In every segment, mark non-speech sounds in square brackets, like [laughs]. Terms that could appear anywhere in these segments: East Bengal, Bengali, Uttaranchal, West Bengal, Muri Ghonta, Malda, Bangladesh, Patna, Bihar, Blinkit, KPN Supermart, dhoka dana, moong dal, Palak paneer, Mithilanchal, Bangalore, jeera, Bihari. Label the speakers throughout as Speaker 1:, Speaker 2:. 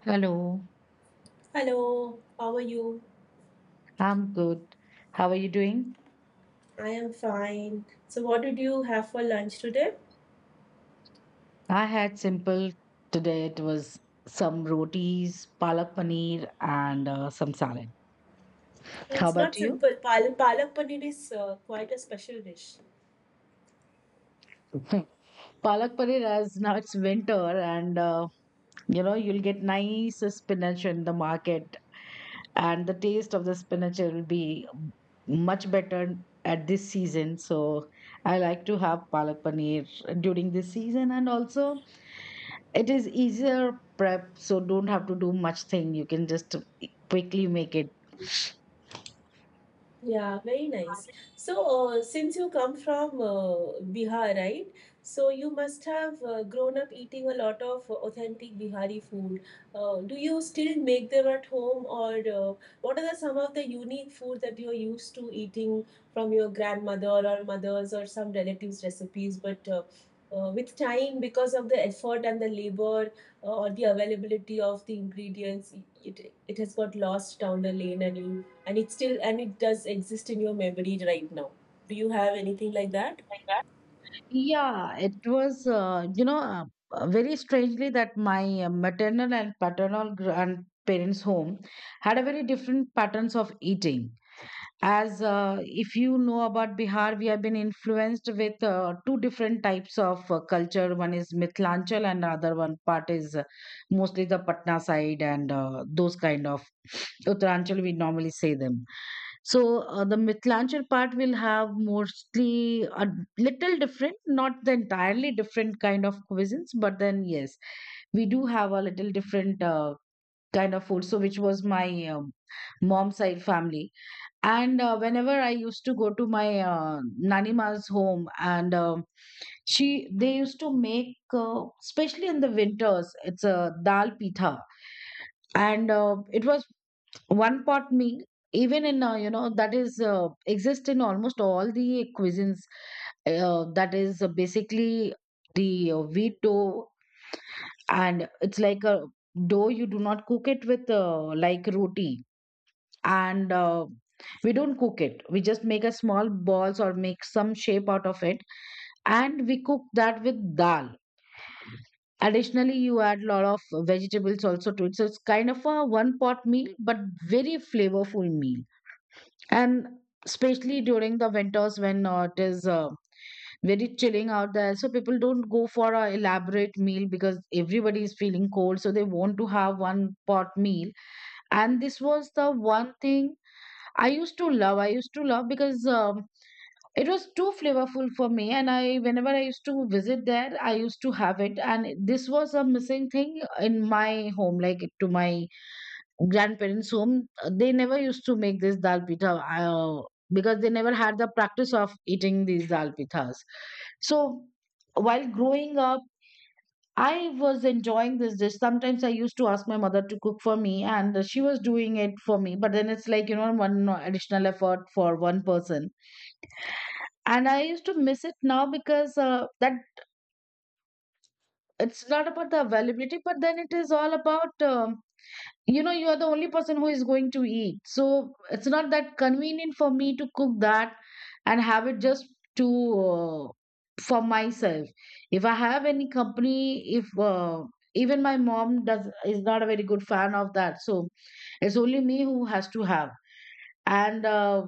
Speaker 1: Hello,
Speaker 2: Hello, how are you?
Speaker 1: I'm good. How are you doing?
Speaker 2: I am fine. So, what did you have for lunch today?
Speaker 1: I had simple today. It was some rotis, palak paneer, and some salad.
Speaker 2: Oh,
Speaker 1: How
Speaker 2: it's
Speaker 1: about
Speaker 2: not
Speaker 1: you?
Speaker 2: simple. Palak paneer is quite a special dish.
Speaker 1: [laughs] palak paneer, as now it's winter, and you know you'll get nice spinach in the market, and the taste of the spinach will be much better at this season. So I like to have palak paneer during this season, and also it is easier prep, so don't have to do much thing. You can just quickly make it.
Speaker 2: Yeah, very nice. So, since you come from Bihar, right? So you must have grown up eating a lot of authentic Bihari food. Do you still make them at home, or what are some of the unique food that you're used to eating from your grandmother or mothers or some relatives' recipes? But With time, because of the effort and the labor or the availability of the ingredients, it has got lost down the lane, and you and it still and it does exist in your memory right now. Do you have anything like that?
Speaker 1: Yeah, it was, uh, very strangely that my maternal and paternal grandparents' home had a very different patterns of eating as if you know about Bihar, we have been influenced with two different types of culture. One is Mithilanchal, and the other one part is mostly the Patna side and those kind of [sniffs] Uttaranchal. We normally say them. So the Mithilanchal part will have mostly a little different, not the entirely different kind of cuisines, but then yes, we do have a little different kind of food. So which was my mom's side family and whenever I used to go to my Nanima's home, and she they used to make, especially in the winters, it's a dal pitha, and it was one pot meal. Even in uh, that is exist in almost all the cuisines. That is basically the wheat dough, and it's like a dough. You do not cook it with like roti, and we don't cook it, we just make a small balls or make some shape out of it, and we cook that with dal. Additionally, you add lot of vegetables also to it, so it's kind of a one pot meal but very flavorful meal. And especially during the winters when it is very chilling out there, so people don't go for a elaborate meal because everybody is feeling cold, so they want to have one pot meal. And this was the one thing I used to love. I used to love because it was too flavorful for me. And I, whenever I used to visit there, I used to have it. And this was a missing thing in my home, like to my grandparents' home. They never used to make this dal pitha because they never had the practice of eating these dal pithas. So while growing up, I was enjoying this dish. Sometimes I used to ask my mother to cook for me, and she was doing it for me. But then it's like, one no, additional effort for one person. And I used to miss it now because that it's not about the availability, but then it is all about um, you are the only person who is going to eat, so it's not that convenient for me to cook that and have it just to uh, for myself. If I have any company, if even my mom does is not a very good fan of that, so it's only me who has to have. and uh,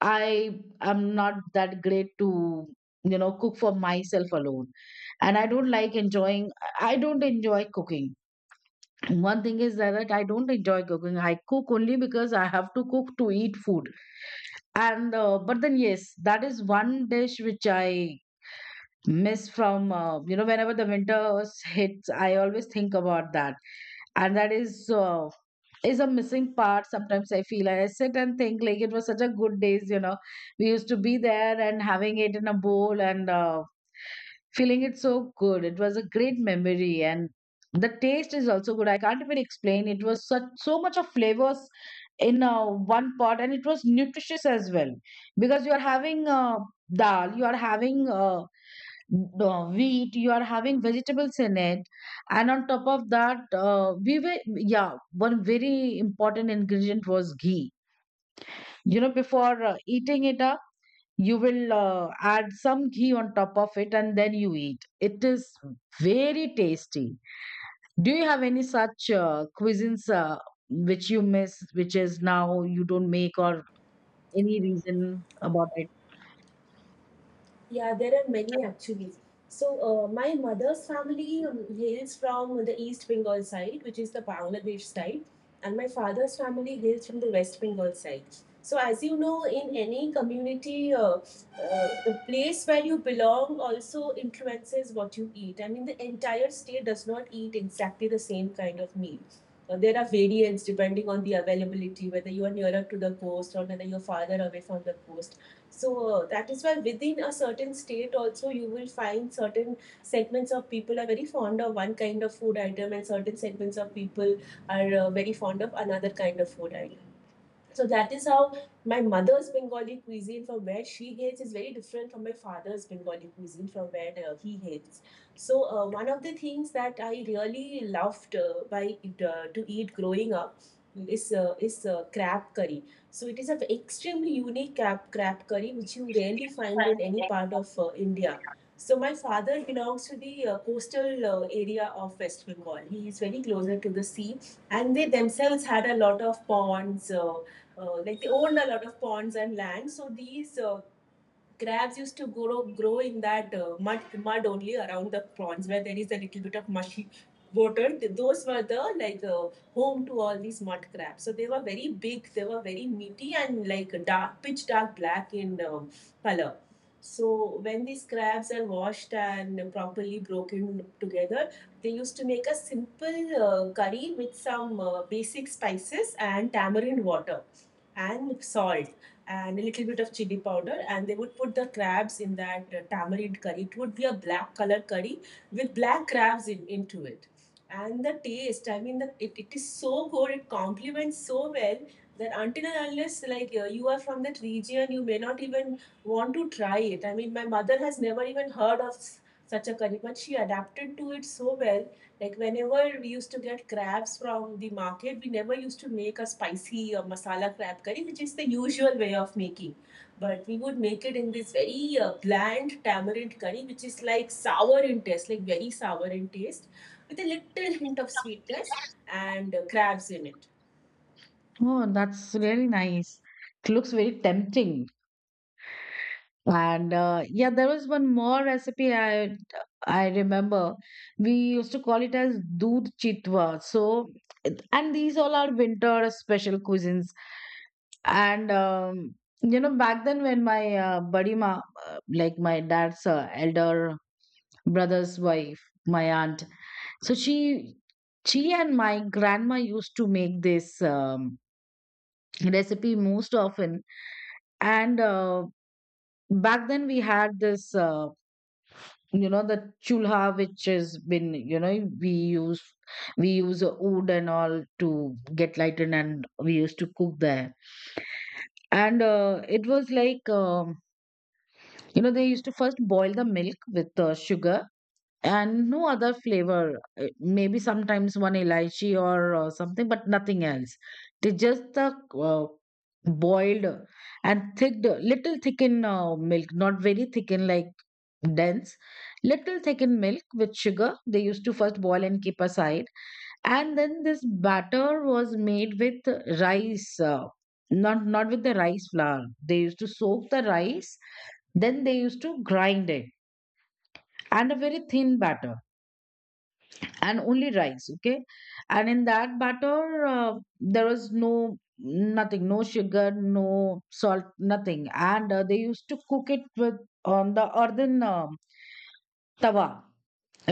Speaker 1: i am not that great to, cook for myself alone, and I don't like enjoying, I don't enjoy cooking. One thing is that like, I don't enjoy cooking. I cook only because I have to cook to eat food. And but then yes, that is one dish which I miss from, whenever the winter hits. I always think about that, and that is. Is a missing part. Sometimes I feel I sit and think like it was such a good days, we used to be there and having it in a bowl, and feeling it so good. It was a great memory and the taste is also good. I can't even explain. It was such so much of flavors in one pot, and it was nutritious as well because you are having dal, you are having uh, wheat, you are having vegetables in it, and on top of that, we were yeah. One very important ingredient was ghee. You know, before eating it up, you will add some ghee on top of it, and then you eat It is very tasty. Do you have any such cuisines which you miss, which is now you don't make, or any reason about it?
Speaker 2: Yeah, there are many actually. So, my mother's family hails from the East Bengal side, which is the Bangladesh side, and my father's family hails from the West Bengal side. So, as you know, in any community, the place where you belong also influences what you eat. I mean, the entire state does not eat exactly the same kind of meal. There are variants depending on the availability, whether you are nearer to the coast or whether you're farther away from the coast. So that is why within a certain state also you will find certain segments of people are very fond of one kind of food item and certain segments of people are very fond of another kind of food item. So that is how my mother's Bengali cuisine from where she hails is very different from my father's Bengali cuisine from where he hails. So one of the things that I really loved by to eat growing up is crab curry. So it is an extremely unique crab curry which you rarely find in any part of India. So my father belongs to the coastal area of West Bengal. He is very closer to the sea, and they themselves had a lot of ponds, like they owned a lot of ponds and land. So these crabs used to grow in that uh, mud only around the ponds where there is a little bit of mushy water. Those were the like home to all these mud crabs. So they were very big. They were very meaty and like dark, pitch dark black in color. So when these crabs are washed and properly broken together, they used to make a simple curry with some basic spices and tamarind water and salt and a little bit of chili powder, and they would put the crabs in that tamarind curry. It would be a black color curry with black crabs into it, and the taste, I mean it is so good, it complements so well that until and unless you are from that region, you may not even want to try it. I mean, my mother has never even heard of such a curry, but she adapted to it so well. Like, whenever we used to get crabs from the market, we never used to make a spicy or masala crab curry, which is the usual way of making. But we would make it in this very bland tamarind curry, which is like sour in taste, like very sour in taste, with a little hint of sweetness and crabs in it.
Speaker 1: Oh, that's really nice. It looks very tempting. And yeah, there was one more recipe I remember. We used to call it as doodh chitwa. So, and these all are winter special cuisines. And you know, back then when my buddy ma, like my dad's elder brother's wife, my aunt, so she and my grandma used to make this recipe most often. And back then we had this. You know the chulha, which has been, we use we use wood and all to get lightened, and we used to cook there. And it was like, they used to first boil the milk with sugar and no other flavor. Maybe sometimes one elaichi or something, but nothing else. They just the uh, boiled and thick, little thickened milk, not very thickened like dense, little thickened milk with sugar. They used to first boil and keep aside, and then this batter was made with rice. Not with the rice flour, they used to soak the rice, then they used to grind it, and a very thin batter and only rice, okay. And in that batter there was no nothing, no sugar, no salt, nothing. And they used to cook it with, on the earthen tawa,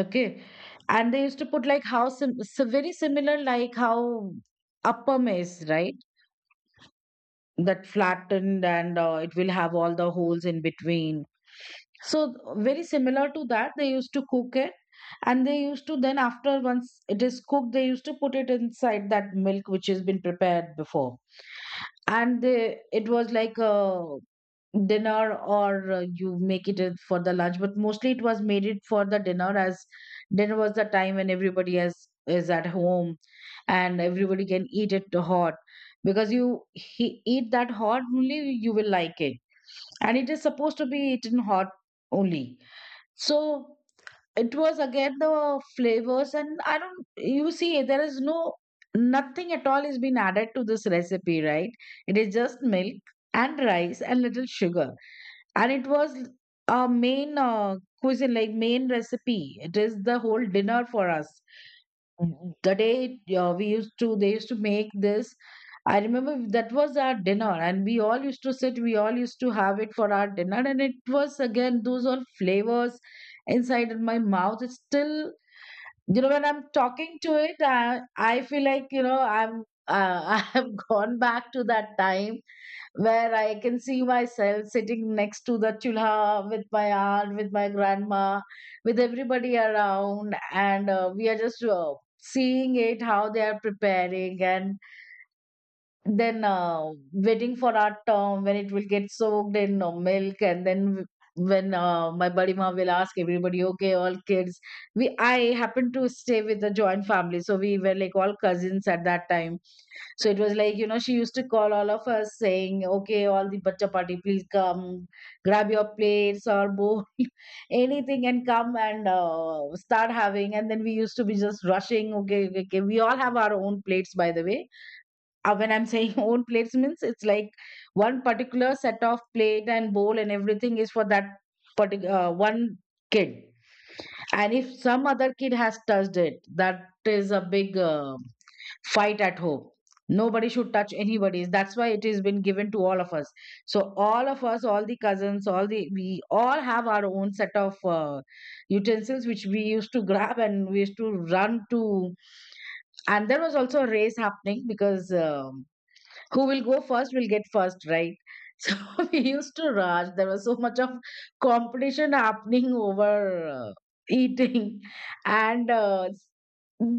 Speaker 1: okay. And they used to put like how so very similar like how appam is, right? That flattened, and it will have all the holes in between, so very similar to that they used to cook it. And they used to then, after once it is cooked, they used to put it inside that milk which has been prepared before. And they, it was like a dinner, or you make it for the lunch, but mostly it was made it for the dinner, as dinner was the time when everybody is at home and everybody can eat it hot. Because you eat that hot only you will like it, and it is supposed to be eaten hot only. So it was again the flavors, and I don't, you see there is no nothing at all is been added to this recipe, right? It is just milk and rice and little sugar. And it was a main cuisine, like main recipe, it is the whole dinner for us. Mm, the day we used to they used to make this, I remember that was our dinner, and we all used to sit, we all used to have it for our dinner. And it was again those all flavors inside in my mouth. It's still, you know, when I'm talking to it, I feel like, you know I'm [laughs] I have gone back to that time where I can see myself sitting next to the chulha with my aunt, with my grandma, with everybody around, and we are just seeing it how they are preparing, and then waiting for our turn when it will get soaked in milk, and then. When my buddy ma will ask everybody, okay, all kids. We I happened to stay with the joint family, so we were like all cousins at that time. So it was like, you know, she used to call all of us saying, okay, all the bacha party, please come, grab your plates or bowl, [laughs] anything and come and start having. And then we used to be just rushing. Okay, okay, okay. We all have our own plates, by the way. When I'm saying [laughs] own plates, means it's like one particular set of plate and bowl and everything is for that particular one kid. And if some other kid has touched it, that is a big... Fight at home. Nobody should touch anybody's. That's why it has been given to all of us. So all of us, all the cousins, all the we all have our own set of utensils which we used to grab and we used to run to. And there was also a race happening because who will go first will get first, right? [laughs] So we used to rush. There was so much of competition happening over eating, and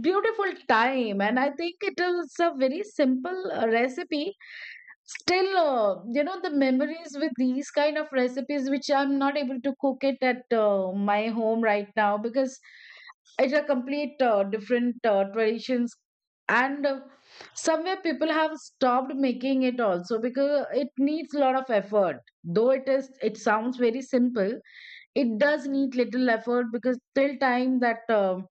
Speaker 1: beautiful time. And I think it is a very simple recipe. Still, the memories with these kind of recipes, which I'm not able to cook it at my home right now because it's a complete different traditions, and somewhere people have stopped making it also because it needs a lot of effort. It sounds very simple. It does need little effort because till time that.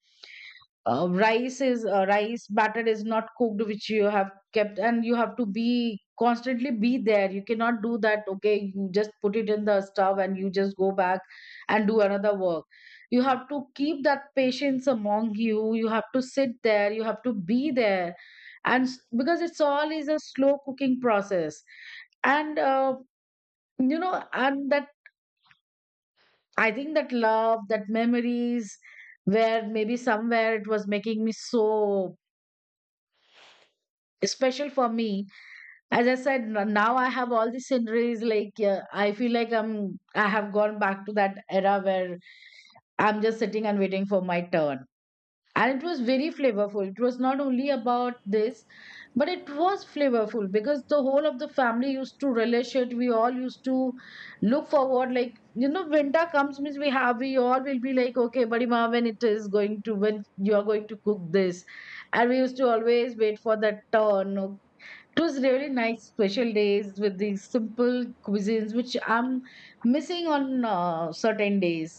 Speaker 1: Rice is rice batter is not cooked, which you have kept, and you have to be constantly be there. You cannot do that. Okay, you just put it in the stove and you just go back and do another work. You have to keep that patience among you. You have to sit there, you have to be there, because it's all is a slow cooking process, and you know and that, I think that love, that memories, where maybe somewhere it was making me so special for me. As I said, now I have all the sceneries. Like, yeah, I feel like I have gone back to that era where I'm just sitting and waiting for my turn. And it was very flavorful. It was not only about this, but it was flavorful because the whole of the family used to relish it. We all used to look forward, like, you know, winter comes means we all will be like, okay buddy, when it is going to, when you are going to cook this. And we used to always wait for that turn. It was really nice, special days with these simple cuisines which I'm missing on certain days.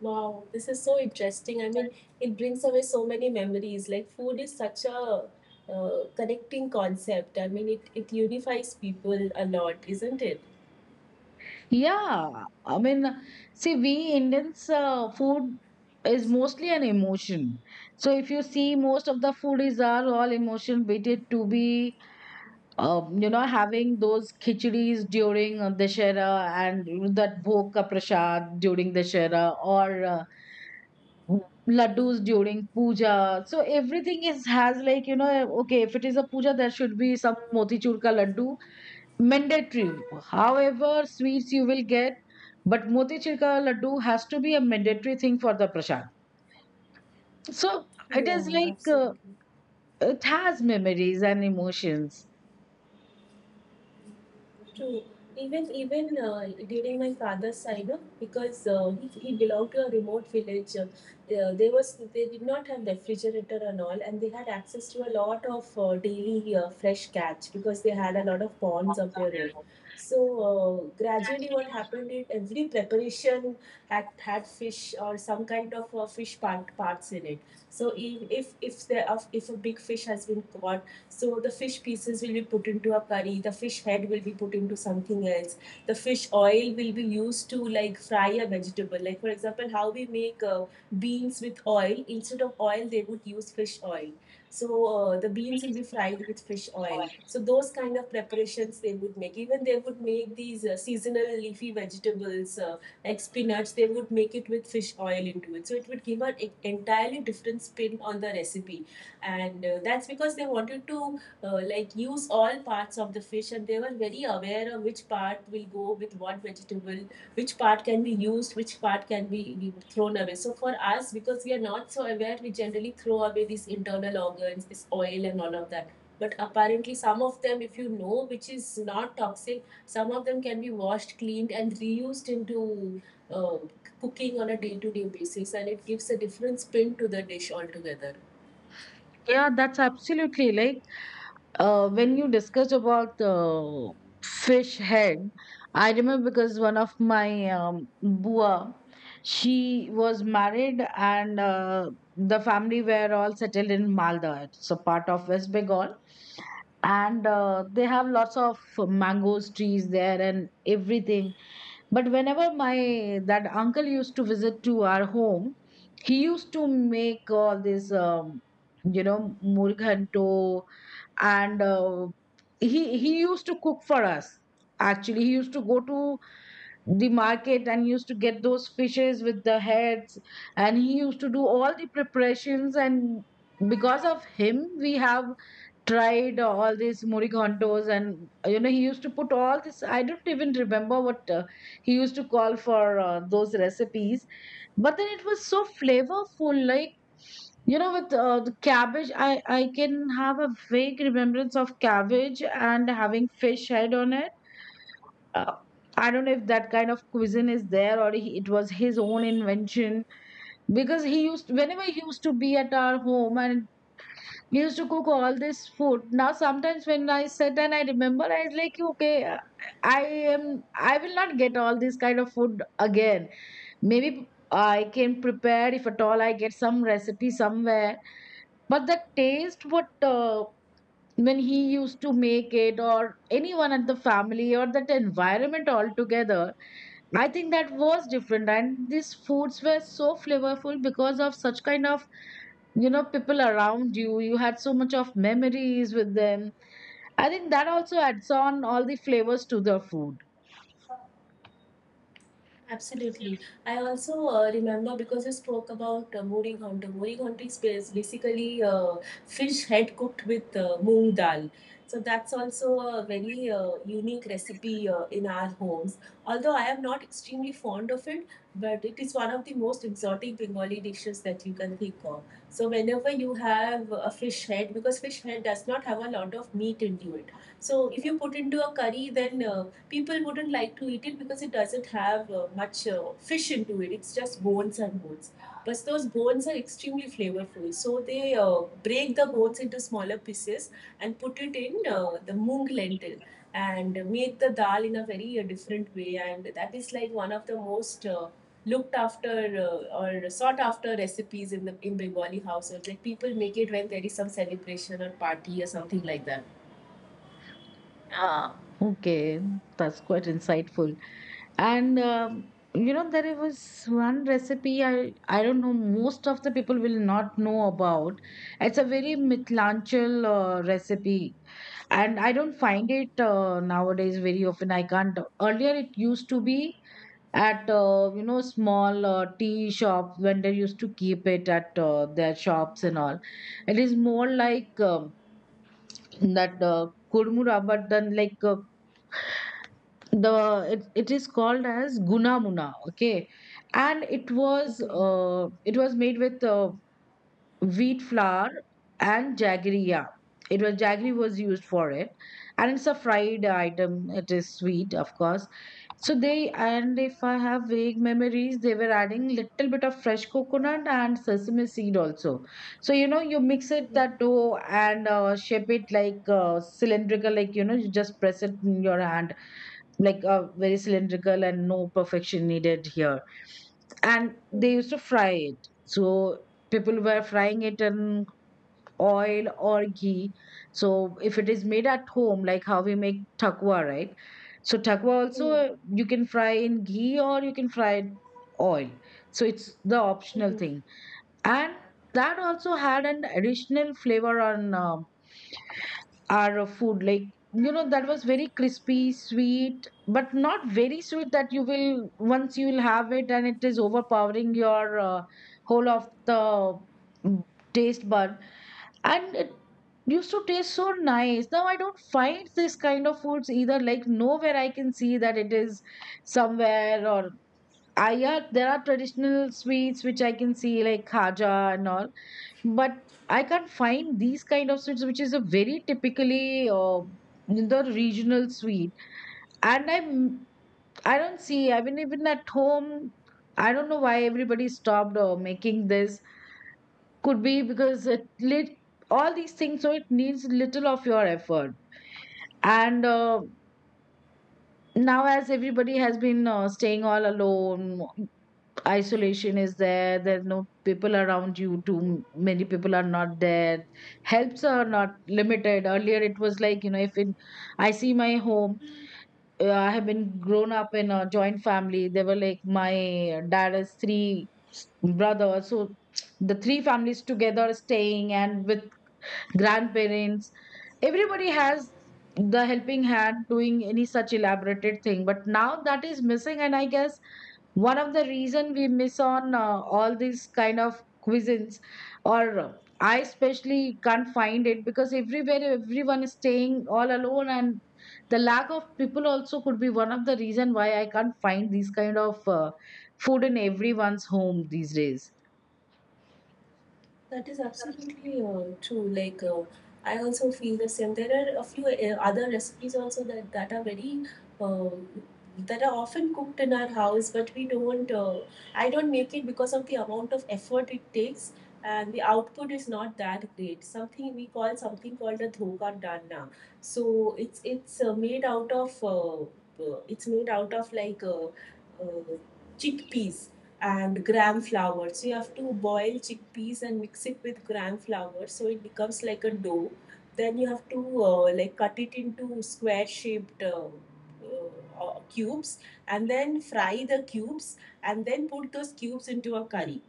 Speaker 2: Wow, this is so interesting. I mean, it brings away so many memories. Like, food is such a connecting concept. I mean, it unifies people a lot, isn't it?
Speaker 1: Yeah, I mean, see, we Indians, food is mostly an emotion. So if you see, most of the foodies are all emotion, be it to be, you know, having those khichdis during Dashera, and that bhog ka prasad during Dashera, or laddus during puja. So everything is, has, like, you know, okay, if it is a puja, there should be some motichur ka laddu, mandatory. However sweets you will get, but motichur ka laddu has to be a mandatory thing for the prashad. So it is
Speaker 2: Yeah,
Speaker 1: like,
Speaker 2: absolutely
Speaker 1: it has memories and emotions.
Speaker 2: true. Even during my father's side, because he belonged to a remote village, there was they did not have refrigerator and all, and they had access to a lot of daily fresh catch because they had a lot of ponds of their own. So gradually, what happened is every preparation had fish or some kind of fish parts in it. So if a big fish has been caught, So the fish pieces will be put into a curry, the fish head will be put into something else, the fish oil will be used to like fry a vegetable. Like, for example, how we make beans with oil, instead of oil, they would use fish oil. So the beans will be fried with fish oil. So those kind of preparations they would make. Even they would make these seasonal leafy vegetables like spinach. They would make it with fish oil into it. So it would give an entirely different spin on the recipe, and that's because they wanted to like use all parts of the fish, and they were very aware of which part will go with what vegetable, which part can be used, which part can be thrown away. So for us, because we are not so aware, we generally throw away these internal organs, this oil and all of that, but apparently some of them, if you know which is not toxic, some of them can be washed, cleaned and reused into uh, cooking on a day-to-day basis, and it gives a different spin to the dish altogether.
Speaker 1: Yeah, that's absolutely like, when you discussed about fish head, I remember because one of my bua, she was married, and the family were all settled in Malda. It's a part of West Bengal. And they have lots of mangoes trees there and everything. But whenever my that uncle used to visit to our home, he used to make all this, you know, murghanto, and he used to cook for us. Actually, he used to go to the market and used to get those fishes with the heads, and he used to do all the preparations. And because of him, we have tried all these morigantos. And, you know, he used to put all this. I don't even remember what he used to call for those recipes. But then it was so flavorful. Like, you know, with the cabbage, I can have a vague remembrance of cabbage and having fish head on it. uh, I don't know if that kind of cuisine is there, it was his own invention. Because he used, whenever he used to be at our home, and we used to cook all this food. Now sometimes when I sit and I remember, I was like, okay, I am. I will not get all this kind of food again. Maybe I can prepare if at all I get some recipe somewhere. But the taste, what when he used to make it, or anyone at the family, or that environment altogether, I think that was different. And these foods were so flavorful because of such kind of, you know, people around you. You had so much of memories with them. I think that also adds on all the flavors to the food.
Speaker 2: Absolutely. I also remember because you spoke about Muri Ghonta. Muri Ghonta is basically fish head cooked with moong dal. So that's also a very unique recipe in our homes. Although I am not extremely fond of it, but it is one of the most exotic Bengali dishes that you can think of. So whenever you have a fish head, because fish head does not have a lot of meat into it. So if you put into a curry, then people wouldn't like to eat it because it doesn't have much fish into it. It's just bones and bones. But those bones are extremely flavorful. So they break the bones into smaller pieces and put it in the moong lentil and make the dal in a very different way. And that is like one of the most looked after or sought after recipes in the in Bengali households. Like, people make it when there is some celebration or party or something like that.
Speaker 1: Ah, okay, that's quite insightful. And you know, there was one recipe, I don't know, most of the people will not know about. It's a very mitlanchal recipe, and I don't find it nowadays very often. I can't. Earlier it used to be at, you know, small tea shops, when they used to keep it at their shops and all. It is more like, that kurmura, but then, like, the it is called as gunamuna. Okay, and it was,
Speaker 2: Okay.
Speaker 1: it was made with wheat flour and jaggery. Yeah, it was, jaggery was used for it. And it's a fried item. It is sweet, of course. So they, and if I have vague memories, they were adding little bit of fresh coconut and sesame seed also. So, you know, you mix it,
Speaker 2: Mm-hmm.
Speaker 1: that dough, and shape it like cylindrical, like, you know, you just press it in your hand, like, very cylindrical, and no perfection needed here. And they
Speaker 2: Mm-hmm.
Speaker 1: used to fry it. So people were frying it in oil or ghee. So if it is made at home, like how we make takwa, right? So takwa also, you can fry in ghee or you can fry in oil. So it's the optional
Speaker 2: Mm-hmm.
Speaker 1: thing. And that also had an additional flavor on our food. Like, you know, that was very crispy, sweet, but not very sweet that you will, once you will have it and it is overpowering your whole of the mm, taste bud. And it used to taste so nice. Now I don't find this kind of foods either. Like, nowhere I can see that it is somewhere. Or I are there are traditional sweets which I can see, like khaja and all. But I can't find these kind of sweets, which is a very typically the regional sweet. And I don't see, I mean, even at home, I don't know why everybody stopped making this. Could be because it lit all these things, so it needs little of your effort. And now as everybody has been staying all alone, isolation is there. There's no people around you. Too many people are not there. Helps are not limited. Earlier it was like, you know, if in, I see my home, I have been grown up in a joint family. They were like, my dad has three brothers. So the three families together staying, and with grandparents, everybody has the helping hand doing any such elaborated thing. But now that is missing. And I guess one of the reason we miss on all these kind of cuisines, or I especially can't find it because everywhere everyone is staying all alone. And the lack of people also could be one of the reason why I can't find these kind of food in everyone's home these days.
Speaker 2: That is absolutely true. Like, I also feel the same. There are a few other recipes also that are very um, that are often cooked in our house, but we don't. I don't make it because of the amount of effort it takes, and the output is not that great. Something called a dhoka dana. So it's made out of it's made out of like uh, chickpeas and gram flour. So you have to boil chickpeas and mix it with gram flour so it becomes like a dough. Then you have to like cut it into square shaped cubes and then fry the cubes and then put those cubes into a curry.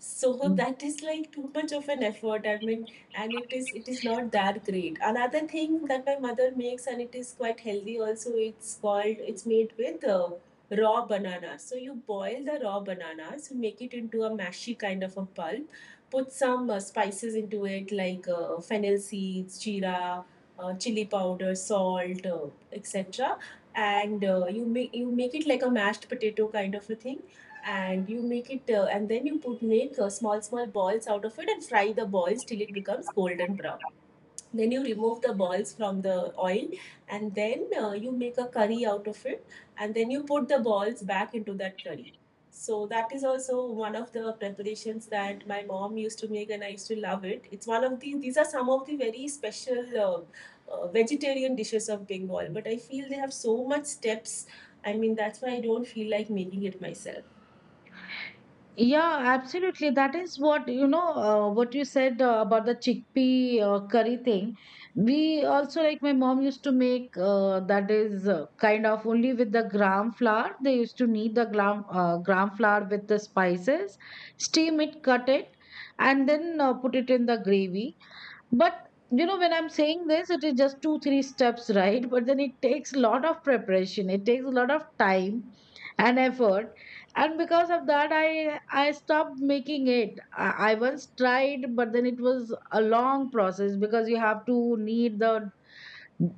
Speaker 2: So that is like too much of an effort. I mean, and it is not that great. Another thing that my mother makes, and it is quite healthy also, it's called, it's made with raw banana. So you boil the raw bananas, you make it into a mashy kind of a pulp, put some spices into it like fennel seeds, jeera, chili powder, salt, etc, and you make it like a mashed potato kind of a thing, and you make it and then you put make small small balls out of it and fry the balls till it becomes golden brown, then you remove the balls from the oil, and then you make a curry out of it, and then you put the balls back into that curry. So that is also one of the preparations that my mom used to make, and I used to love it. It's one of the, these are some of the very special vegetarian dishes of Bengal, but I feel they have so much steps. I mean, that's why I don't feel like making it myself.
Speaker 1: Yeah, absolutely. That is what, you know. What you said about the chickpea curry thing. We also, like, my mom used to make that. Is kind of only with the gram flour. They used to knead the gram flour with the spices, steam it, cut it, and then put it in the gravy. But you know, when I'm saying this, it is just two, three steps, [laughs] right? But then it takes a lot of preparation. It takes a lot of time and effort. And because of that, I stopped making it. I once tried, but then it was a long process because you have to knead the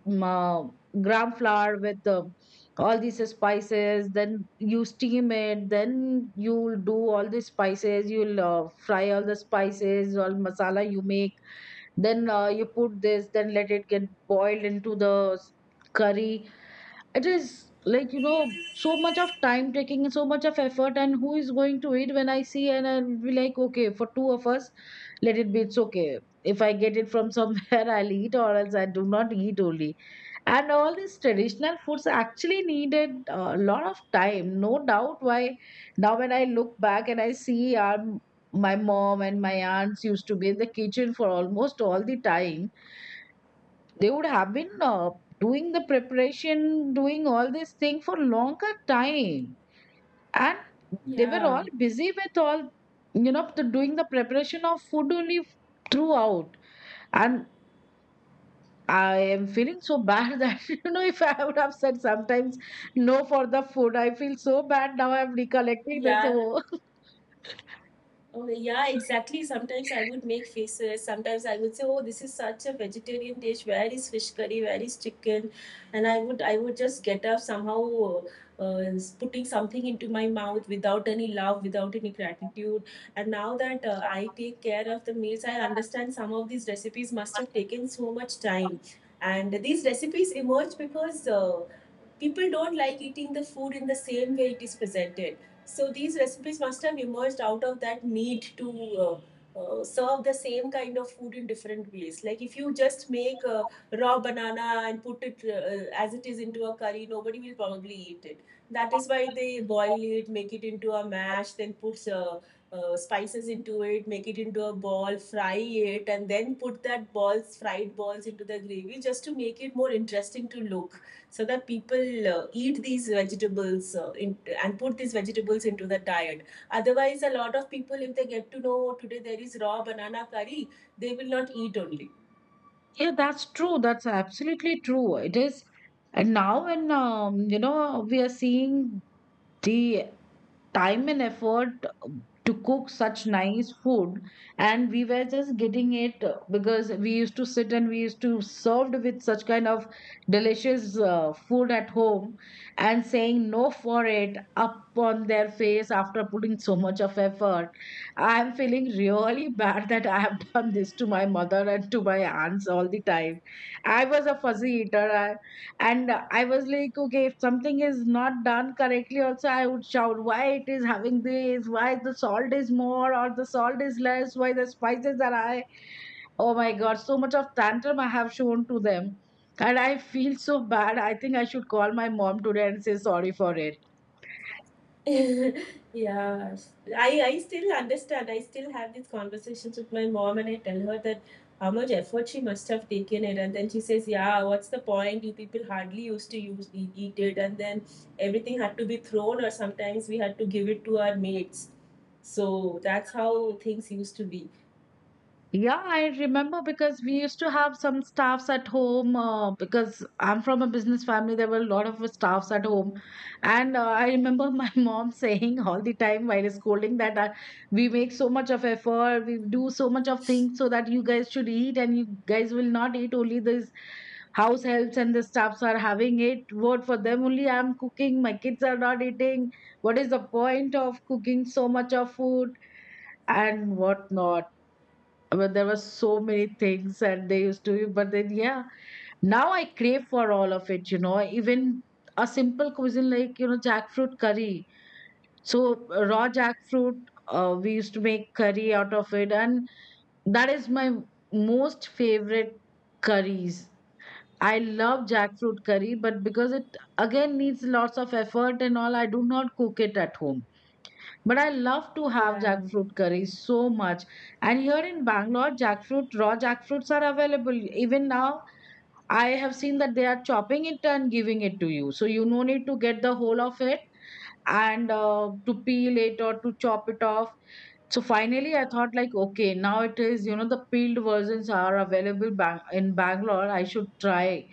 Speaker 1: mm, uh, gram flour with all these spices. Then you steam it. Then you'll do all the spices. You'll fry all the spices, all masala you make, then you put this, then let it get boiled into the curry. It is like, you know, so much of time taking and so much of effort. And who is going to eat? When I see, and I'll be like, okay, for two of us, let it be, it's okay. If I get it from somewhere, [laughs] I'll eat, or else I do not eat only. And all these traditional foods actually needed a lot of time, no doubt why. Now when I look back and I see, my mom and my aunts used to be in the kitchen for almost all the time. They would have been doing the preparation, doing all this thing for longer time. And they were
Speaker 2: Yeah,
Speaker 1: all busy with all, you know, the doing the preparation of food only, throughout. And I am feeling so bad [laughs] that, you know, if I would have said sometimes no for the food, I feel so bad now. I'm recollecting this.
Speaker 2: yeah.
Speaker 1: Oh,
Speaker 2: Oh, yeah, exactly. Sometimes I would make faces. Sometimes I would say, "Oh, this is such a vegetarian dish. Where is fish curry? Where is chicken?" And I would just get up somehow, uh, uh, putting something into my mouth without any love, without any gratitude. And now that I take care of the meals, I understand some of these recipes must have taken so much time. And these recipes emerge because people don't like eating the food in the same way it is presented. So these recipes must have emerged out of that need to serve the same kind of food in different ways. Like, if you just make a raw banana and put it as it is into a curry, nobody will probably eat it. That is why they boil it, make it into a mash, then put spices into it, make it into a ball, fry it, and then put that balls, fried balls into the gravy just to make it more interesting to look, so that people eat these vegetables and put these vegetables into the diet. Otherwise, a lot of people, if they get to know, "Oh, today there is raw banana curry," they will not eat only.
Speaker 1: [laughs] yeah, that's true. That's absolutely true. It is, and now when we are seeing the time and effort to cook such nice food, and we were just getting it, because we used to sit and we used to served with such kind of delicious food at home and saying no for it up on their face after putting so much of effort. I am feeling really [laughs] bad that I have [laughs] done this to my mother and to my aunts all the time. I was a fuzzy eater, and I was like, okay, if something is not done correctly also, I would shout, why it is having this, why the salt is more or the salt is less, why the spices are high. Oh my god, so much of tantrum I have shown to them, and I feel so bad. I think I should call my mom today and say sorry for it.
Speaker 2: [laughs] yeah, I still understand. I still have these conversations with my mom, and I tell her that how much effort she must have taken it, and then she says, yeah, what's the point, you people hardly used to use eat, eat it, and then everything had to be thrown, or sometimes we had to give it to our mates. So that's how things used to be.
Speaker 1: Yeah, I remember because we used to have some staffs at home, because I'm from a business family. There were a lot of staffs at home. And I remember my [laughs] mom saying all the time while scolding that, we make so much of effort, we do so much of things so that you guys should eat, and you guys will not eat. Only these house helps and the staffs are having it. What, for them only I'm cooking, my kids are not eating? What is the point of cooking so much of food and what not? But there were so many things and they used to, but then, yeah, now I crave for all of it, even a simple cuisine like, jackfruit curry. So, raw jackfruit, we used to make curry out of it, and that is my most favorite curries. I love jackfruit curry, but because it again needs lots of effort and all, I do not cook it at home, but I love to have
Speaker 2: Yeah,
Speaker 1: jackfruit curry so much. And here in Bangalore, jackfruit, raw jackfruits are available. Even now, I have seen that they are chopping it and giving it to you. So you no need to get the whole of it and to peel it or to chop it off. So finally, I thought like, okay, now it is, the peeled versions are available in Bangalore. I should try.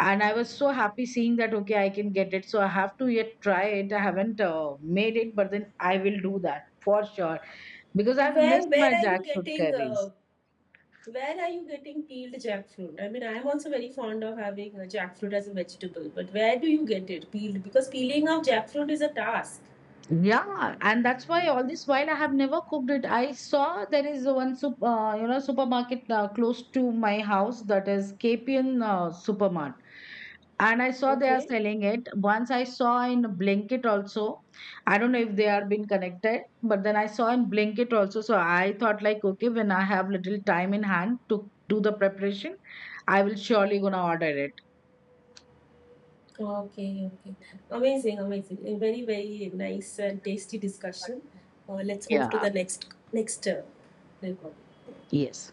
Speaker 1: And I was so happy seeing that, okay, I can get it. So I have to yet try it. I haven't made it, but then I will do that for sure because I
Speaker 2: where
Speaker 1: missed
Speaker 2: where
Speaker 1: my
Speaker 2: are you
Speaker 1: jackfruit
Speaker 2: getting
Speaker 1: curries.
Speaker 2: where are you getting peeled jackfruit? I mean, I am also very fond of having jackfruit as a vegetable, but where do you get it peeled? Because peeling of jackfruit is a task.
Speaker 1: Yeah, and that's why all this while I have never cooked it. I saw there is one supermarket close to my house, that is KPN Supermart, and I saw they are
Speaker 2: Okay.
Speaker 1: selling it. Once I saw in Blinkit also. I don't know if they are being connected, but then I saw in Blinkit also. So I thought like, okay, when I have little time in hand to do the preparation, I will surely gonna order it.
Speaker 2: Okay, okay. Amazing, amazing. A very, very nice and tasty discussion. Let's move
Speaker 1: Yeah,
Speaker 2: to the next next uh,
Speaker 1: yes.